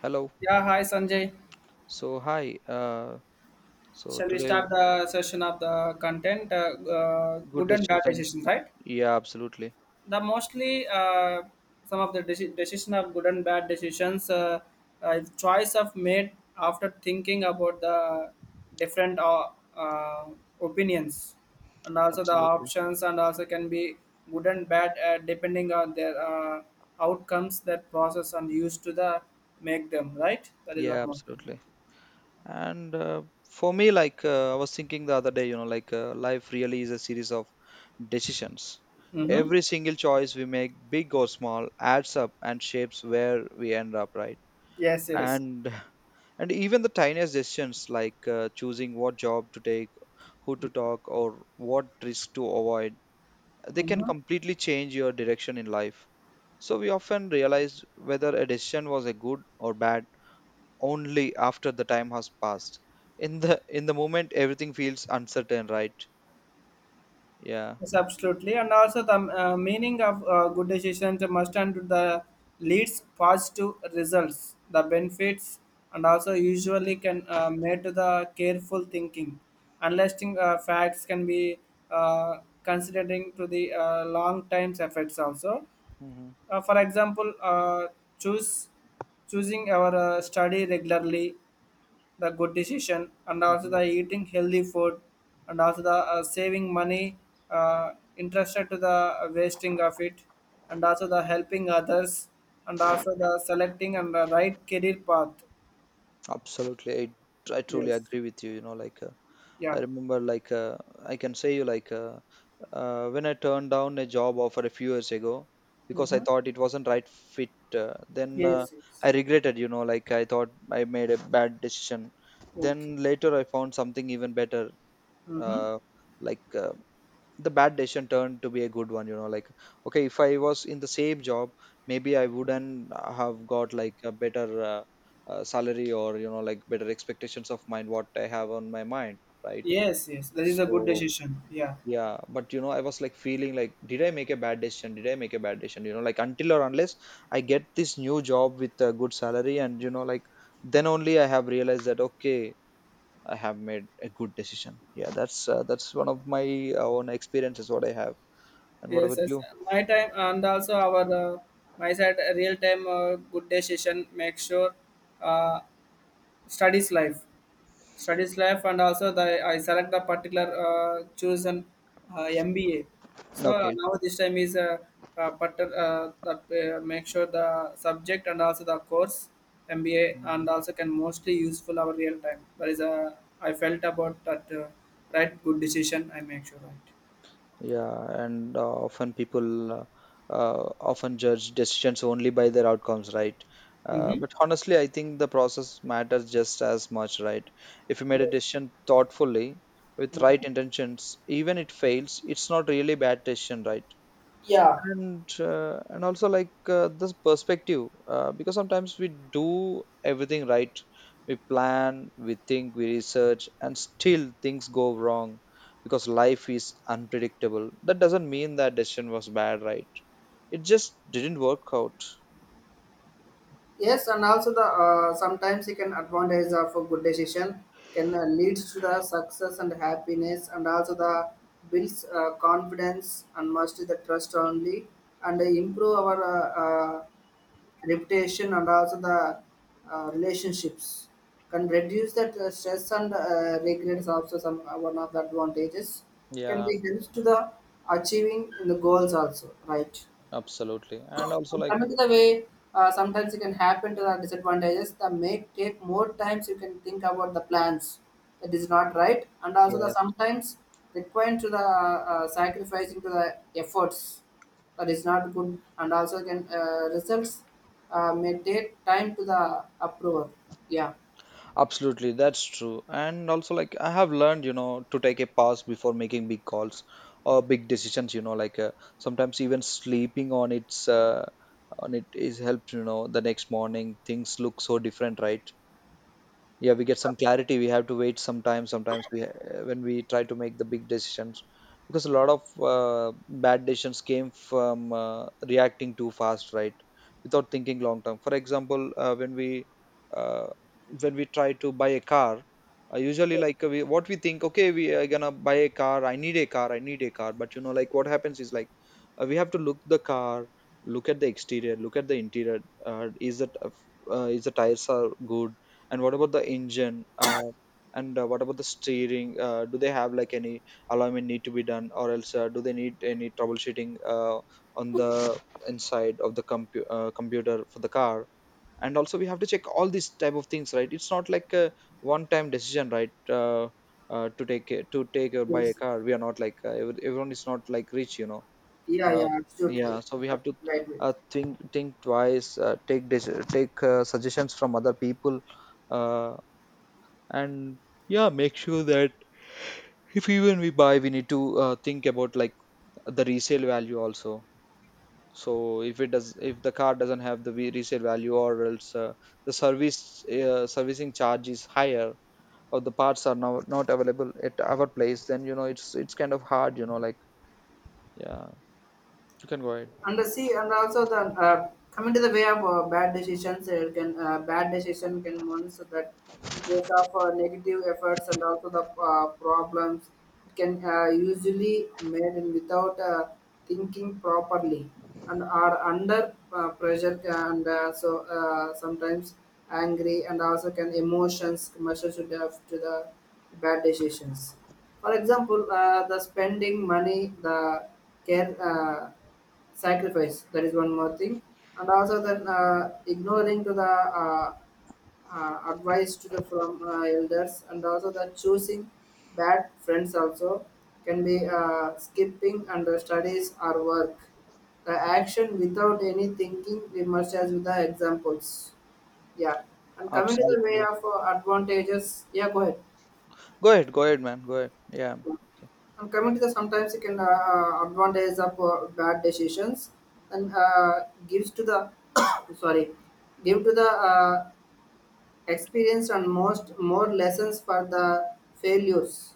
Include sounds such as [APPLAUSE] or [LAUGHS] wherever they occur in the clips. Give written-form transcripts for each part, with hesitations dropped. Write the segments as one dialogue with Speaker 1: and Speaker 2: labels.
Speaker 1: Hello.
Speaker 2: Yeah, hi Sanjay.
Speaker 1: So hi. Uh, so
Speaker 2: Shall we
Speaker 1: today,
Speaker 2: start the session of the content?
Speaker 1: good
Speaker 2: Good and bad
Speaker 1: discussion.
Speaker 2: decisions, right?
Speaker 1: Yeah, absolutely,
Speaker 2: The mostly some of the decision of good and bad decisions, choice of made after thinking about the different uh, opinions and also the
Speaker 1: absolutely.
Speaker 2: options and also can be good and bad depending on their outcomes that process and used to the make them right that is one
Speaker 1: Yeah,
Speaker 2: more
Speaker 1: absolutely. And for me, like I was thinking the other day, you know, like life really is a series of decisions.
Speaker 2: mm-hmm.
Speaker 1: Every single choice we make, big or small, adds up and shapes where we end up, right?
Speaker 2: Yes, yes.
Speaker 1: And [LAUGHS] and even the tiniest decisions, like choosing what job to take, who to talk, or what risk to avoid they can
Speaker 2: Mm-hmm.
Speaker 1: completely change your direction in life. So we often realize whether a decision was a good or bad only after the time has passed. In the moment everything feels uncertain, right? Yeah.
Speaker 2: Yes, absolutely. And also the meaning of good decisions must and the leads positive results, the benefits, and also usually can made to the careful thinking. Unlisting facts can be uh, considering to the long times effects also.
Speaker 1: hmm
Speaker 2: For example, choose choosing our study regularly the good decision and also
Speaker 1: hmm
Speaker 2: the eating healthy food and also the saving money uh, interested to the wasting of it and also the helping others and also the selecting and the right career path.
Speaker 1: Absolutely. I truly
Speaker 2: Yes.
Speaker 1: agree with you, you know, like
Speaker 2: Yeah.
Speaker 1: I remember like I can say you like when I turned down a job offer a few years ago because I
Speaker 2: Mm-hmm.
Speaker 1: thought it wasn't right fit. Then
Speaker 2: Yes, yes.
Speaker 1: I regretted, you know, like I thought I made a bad decision.
Speaker 2: Okay.
Speaker 1: Then later I found something even better.
Speaker 2: Mm-hmm.
Speaker 1: Uh, like uh, the bad decision turned to be a good one, you know. Like okay, if I was in the same job, maybe I wouldn't have got like a better salary, or you know like better expectations of mine what I have on my mind, right?
Speaker 2: Yes, yes, that is a good
Speaker 1: So
Speaker 2: decision, yeah.
Speaker 1: yeah, but you know, I was like feeling like, did I make a bad decision? Did I make a bad decision? You know, like until or unless I get this new job with a good salary, and you know, like then only I have realized that okay, I have made a good decision. Yeah, that's one of my own experiences what I have. And what
Speaker 2: Yes,
Speaker 1: about
Speaker 2: yes,
Speaker 1: you?
Speaker 2: my time and also our my side real time good decision make sure uh, studies life studies life and also the I select the particular chosen mba so
Speaker 1: Okay.
Speaker 2: now this time is but that make sure the subject and also the course mba
Speaker 1: Mm-hmm.
Speaker 2: and also can mostly useful our real time that is a I felt about that right good decision I make sure right.
Speaker 1: Yeah, and often judge decisions only by their outcomes, right?
Speaker 2: Mm-hmm.
Speaker 1: But honestly, I think the process matters just as much, right? If you made a decision thoughtfully with right intentions, even it fails, it's not really bad decision, right?
Speaker 2: Yeah.
Speaker 1: And also like this perspective because sometimes we do everything right, we plan, we think, we research, and still things go wrong because life is unpredictable. That doesn't mean that decision was bad, right? It just didn't work out.
Speaker 2: Yes, and also the sometimes you can advantage of a good decision can leads to the success and happiness, and also the builds confidence and must the trust only, and improve our uh, reputation and also the relationships can reduce that stress and regrets also some one of the advantages can
Speaker 1: Yeah,
Speaker 2: be helps to the achieving in the goals also right.
Speaker 1: absolutely, and also
Speaker 2: And
Speaker 1: like
Speaker 2: coming to the way, sometimes it can happen to the disadvantages. The make take more times you can think about the plans that is not right, and also the
Speaker 1: yes.
Speaker 2: sometimes required to the sacrificing to the efforts that is not good, and also can results may take time to the approval. Yeah.
Speaker 1: Absolutely, that's true. And also, like, I have learned, you know, to take a pause before making big calls or big decisions, you know, like sometimes even sleeping on its on it is helps, you know, the next morning things look so different, right? Yeah, we get some clarity. We have to wait sometimes when we try to make the big decisions, because a lot of bad decisions came from reacting too fast, right, without thinking long term. For example uh, when we try to buy a car, usually like we, what we think okay we are gonna buy a car, I need a car, I need a car, but you know like what happens is like we have to look the car, look at the exterior, look at the interior, uh, is that uh, f- is the tires are good, and what about the engine? And What about the steering? Do they have like any alignment need to be done, or else do they need any troubleshooting on the inside of the computer for the car? And also, we have to check all these type of things, right? It's not like a one-time decision, right? To take or buy a
Speaker 2: Yes.
Speaker 1: car, we are not like everyone is not like rich, you know.
Speaker 2: Yeah.
Speaker 1: uh,
Speaker 2: Yeah. Absolutely.
Speaker 1: yeah, so we have to
Speaker 2: Absolutely. Right. Right.
Speaker 1: think twice, take suggestions from other people, uh, and yeah make sure that if even we buy, we need to think about like the resale value also. So if it does, if the car doesn't have the resale value, or else the service servicing charge is higher, or the parts are now not available at our place, then you know it's kind of hard, you know like, yeah, you can go ahead.
Speaker 2: And the see and also the coming to the way of bad decisions can bad decision can means that in of negative efforts and also the problems can usually made in without thinking properly and are under pressure and so sometimes angry and also can emotions measure to the bad decisions. For example, the spending money the care sacrifice that is one more thing, and also that ignoring to the uh, advice to the from elders and also that choosing bad friends also can be skipping under studies or work the action without any thinking we must as with the examples yeah. And coming to the way
Speaker 1: Absolutely.
Speaker 2: of advantages, yeah, go ahead.
Speaker 1: Go ahead, man. Go ahead. Yeah. Okay.
Speaker 2: And coming to the sometimes you can advantage of bad decisions and gives to the [COUGHS] sorry, give to the experience and most more lessons for the failures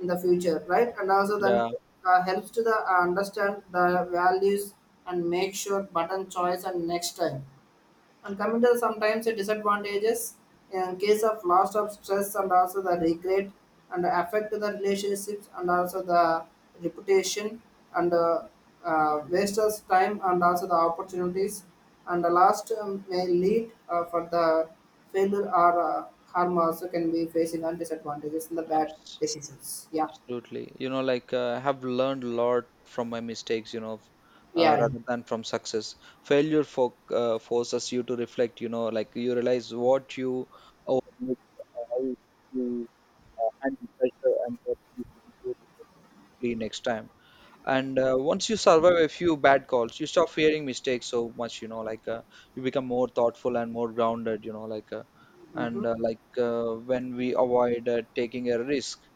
Speaker 2: in the future right and also then
Speaker 1: Yeah,
Speaker 2: helps to the understand the values and make sure button choice and next time. And coming to sometimes the disadvantages in case of loss of stress and also the regret and affect the relationships and also the reputation and waste of time and also the opportunities and the last may lead for the failure or harm also can be facing and disadvantages in the bad
Speaker 1: abs-
Speaker 2: decisions yeah
Speaker 1: absolutely. You know, like I have learned a lot from my mistakes, you know,
Speaker 2: yeah.
Speaker 1: rather than from success. Failure forces you to reflect, you know, like you realize what you owe, how you handle pressure and what you should do differently next time. And once you survive a few bad calls, you stop fearing mistakes so much, you know, like you become more thoughtful and more grounded, you know, like and like when we avoid taking a risk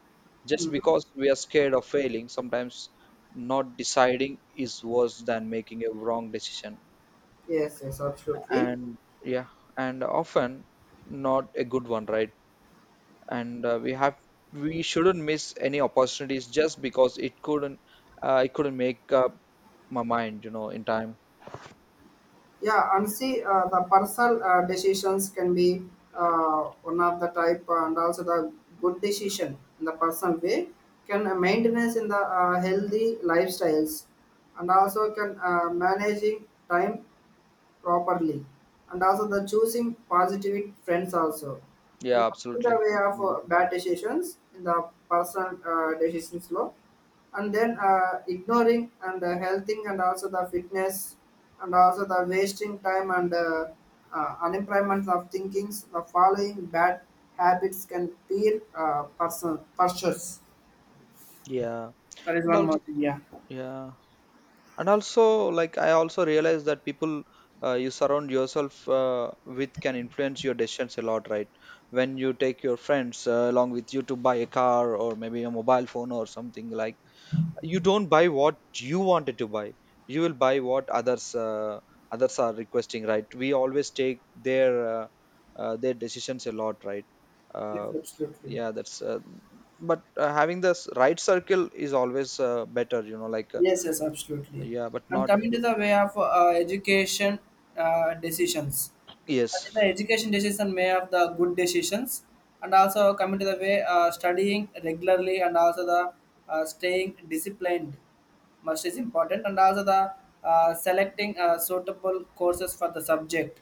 Speaker 1: just
Speaker 2: Mhm.
Speaker 1: because we are scared of failing, sometimes not deciding is worse than making a wrong decision.
Speaker 2: Yes, yes, absolutely.
Speaker 1: And yeah, and often not a good one, right? And we have, we shouldn't miss any opportunities just because it couldn't, it couldn't make up my mind, you know, in time.
Speaker 2: Yeah, and see, the personal decisions can be one of the type, and also the good decision in the personal way can maintenance in the healthy lifestyles, and also can managing time properly and also the choosing positive friends also. And
Speaker 1: Yeah,
Speaker 2: coming the
Speaker 1: absolutely.
Speaker 2: way of bad decisions in the personal decisions law and then ignoring and healthing and also the fitness and also the wasting time and unemployment of thinkings the following bad habits can be personal pursuits
Speaker 1: Yeah.
Speaker 2: that is
Speaker 1: And
Speaker 2: one
Speaker 1: also,
Speaker 2: more thing yeah.
Speaker 1: yeah. And also, like, I also realize that people you surround yourself with can influence your decisions a lot, right? When you take your friends along with you to buy a car or maybe a mobile phone or something like, you don't buy what you wanted to buy, you will buy what others others are requesting, right? We always take uh, their decisions a lot, right?
Speaker 2: Yes,
Speaker 1: uh,
Speaker 2: absolutely.
Speaker 1: yeah that's but Having this right circle is always better, you know, like
Speaker 2: Yes, yes, absolutely.
Speaker 1: yeah, but
Speaker 2: And
Speaker 1: not
Speaker 2: coming to the way of education decisions, I
Speaker 1: yes
Speaker 2: think the education decision may have the good decisions, and also coming to the way studying regularly and also the staying disciplined must is important, and also the selecting suitable courses for the subject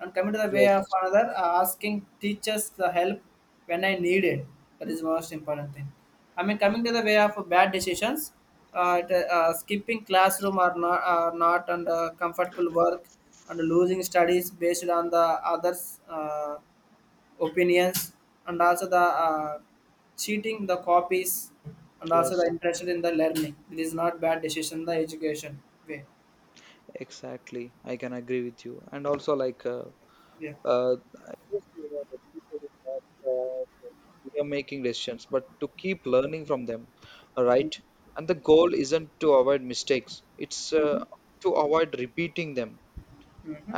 Speaker 2: and coming to the way of
Speaker 1: yes
Speaker 2: another, asking teachers the help when I need it. That is most important thing. I mean, coming to the way of bad decisions, it, skipping classroom or not, not and comfortable work and losing studies based on the others' opinions and also the uh, cheating the copies and also the
Speaker 1: yes
Speaker 2: interest in the learning. It is not bad decision the education way.
Speaker 1: exactly, I can agree with you. And also like
Speaker 2: Yeah.
Speaker 1: Uh, I just feel that the future is not we are making decisions, but to keep learning from them, right? And the goal isn't to avoid mistakes; it's
Speaker 2: Hmm.
Speaker 1: to avoid repeating them,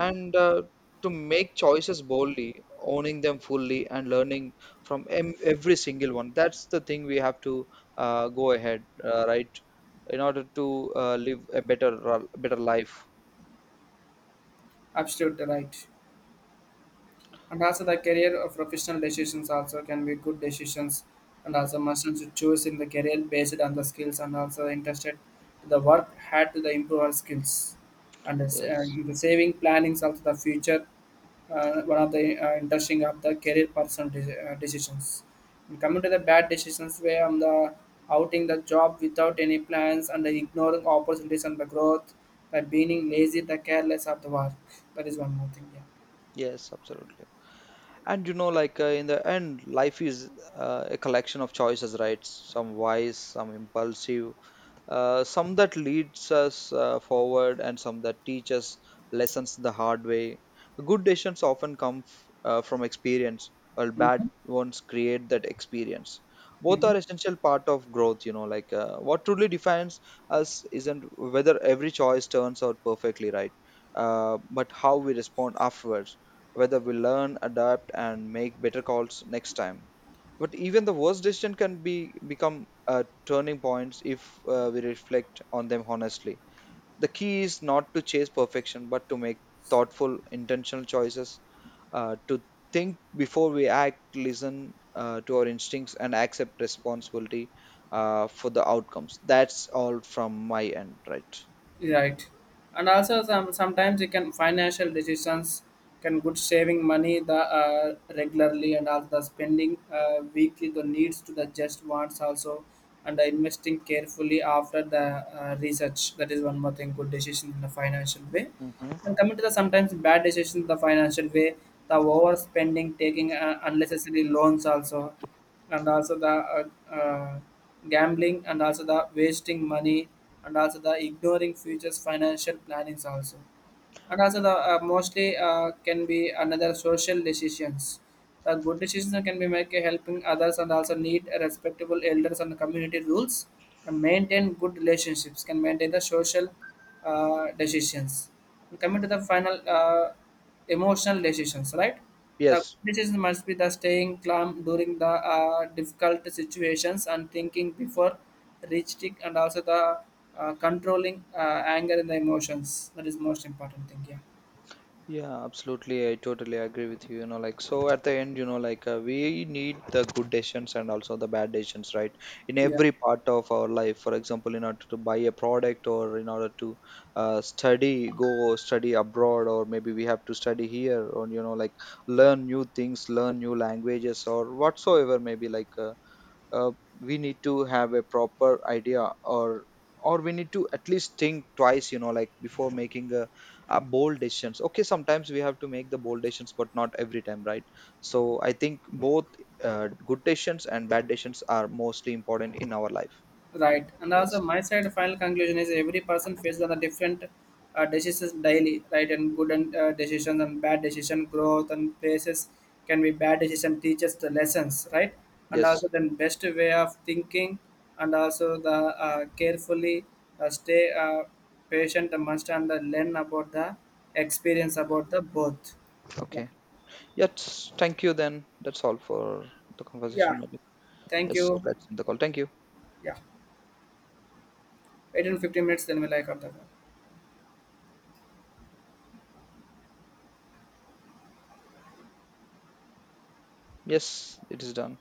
Speaker 1: and to make choices boldly, owning them fully, and learning from em every single one. That's the thing we have to go ahead, right? In order to live a better life.
Speaker 2: Absolutely right. And also the career of professional decisions also can be good decisions and also must to choose in the career based on the skills and also interested to the work had to the improve our skills and the,
Speaker 1: Yes.
Speaker 2: and the saving plannings also the future one of the interesting of the career personal decisions and coming to the bad decisions where I'm the outing the job without any plans and the ignoring opportunities and the growth by being lazy the careless of the work that is one more thing yeah.
Speaker 1: Yes, absolutely. And you know like in the end life is a collection of choices, right, some wise, some impulsive, some that leads us forward and some that teach us lessons the hard way. Good decisions often come from experience, while bad
Speaker 2: Mhm.
Speaker 1: ones create that experience. Both
Speaker 2: Mhm.
Speaker 1: are essential part of growth, you know, like what truly defines us isn't whether every choice turns out perfectly, right, but how we respond afterwards, whether we learn, adapt, and make better calls next time. But even the worst decision can be become turning points if we reflect on them honestly. The key is not to chase perfection, but to make thoughtful, intentional choices. To think before we act, listen to our instincts, and accept responsibility for the outcomes. That's all from my end, right?
Speaker 2: Right. And also some sometimes you can financial decisions can good saving money the regularly and also the spending weekly the needs to the just wants also and the investing carefully after the research that is one more thing good decision in the financial way. And
Speaker 1: Mhm.
Speaker 2: coming to the sometimes bad decisions the financial way the overspending taking unnecessary loans also and also the uh, uh, gambling and also the wasting money and also the ignoring futures financial plannings also and also the mostly can be another social decisions the good decisions can be make helping others and also need a respectable elders and community rules can maintain good relationships can maintain the social decisions. And coming to the final emotional decisions right the
Speaker 1: Yes.
Speaker 2: conditions must be the staying calm during the difficult situations and thinking before reaching and also the controlling anger and the emotions. That is most important thing. Yeah.
Speaker 1: Yeah, absolutely. I totally agree with you. You know, like, so at the end, you know, like, we need the good decisions and also the bad decisions, right? In
Speaker 2: Yeah.
Speaker 1: every part of our life, for example, in order to buy a product or in order to study, go study abroad, or maybe we have to study here, or, you know, like, learn new things, learn new languages, or whatsoever, maybe like, uh, we need to have a proper idea, or we need to at least think twice, you know, like before making a bold decisions. Okay, sometimes we have to make the bold decisions, but not every time, right? So I think both good decisions and bad decisions are mostly important in our life.
Speaker 2: Right. And
Speaker 1: Yes,
Speaker 2: also, my side final conclusion is every person faces on the different decisions daily, right? And good and decisions and bad decision, growth and places can be bad decision teaches the lessons, right? And
Speaker 1: yes.
Speaker 2: also, then best way of thinking and also the carefully stay patient and must and learn about the experience about the both. Yeah.
Speaker 1: Okay. Yes, thank you, then. That's all for the conversation,
Speaker 2: Yeah.
Speaker 1: maybe.
Speaker 2: Thank
Speaker 1: Yes,
Speaker 2: you.
Speaker 1: let's end the call. Thank you.
Speaker 2: Yeah. Wait in 15 minutes, then we'll like up the
Speaker 1: Yes, it is done.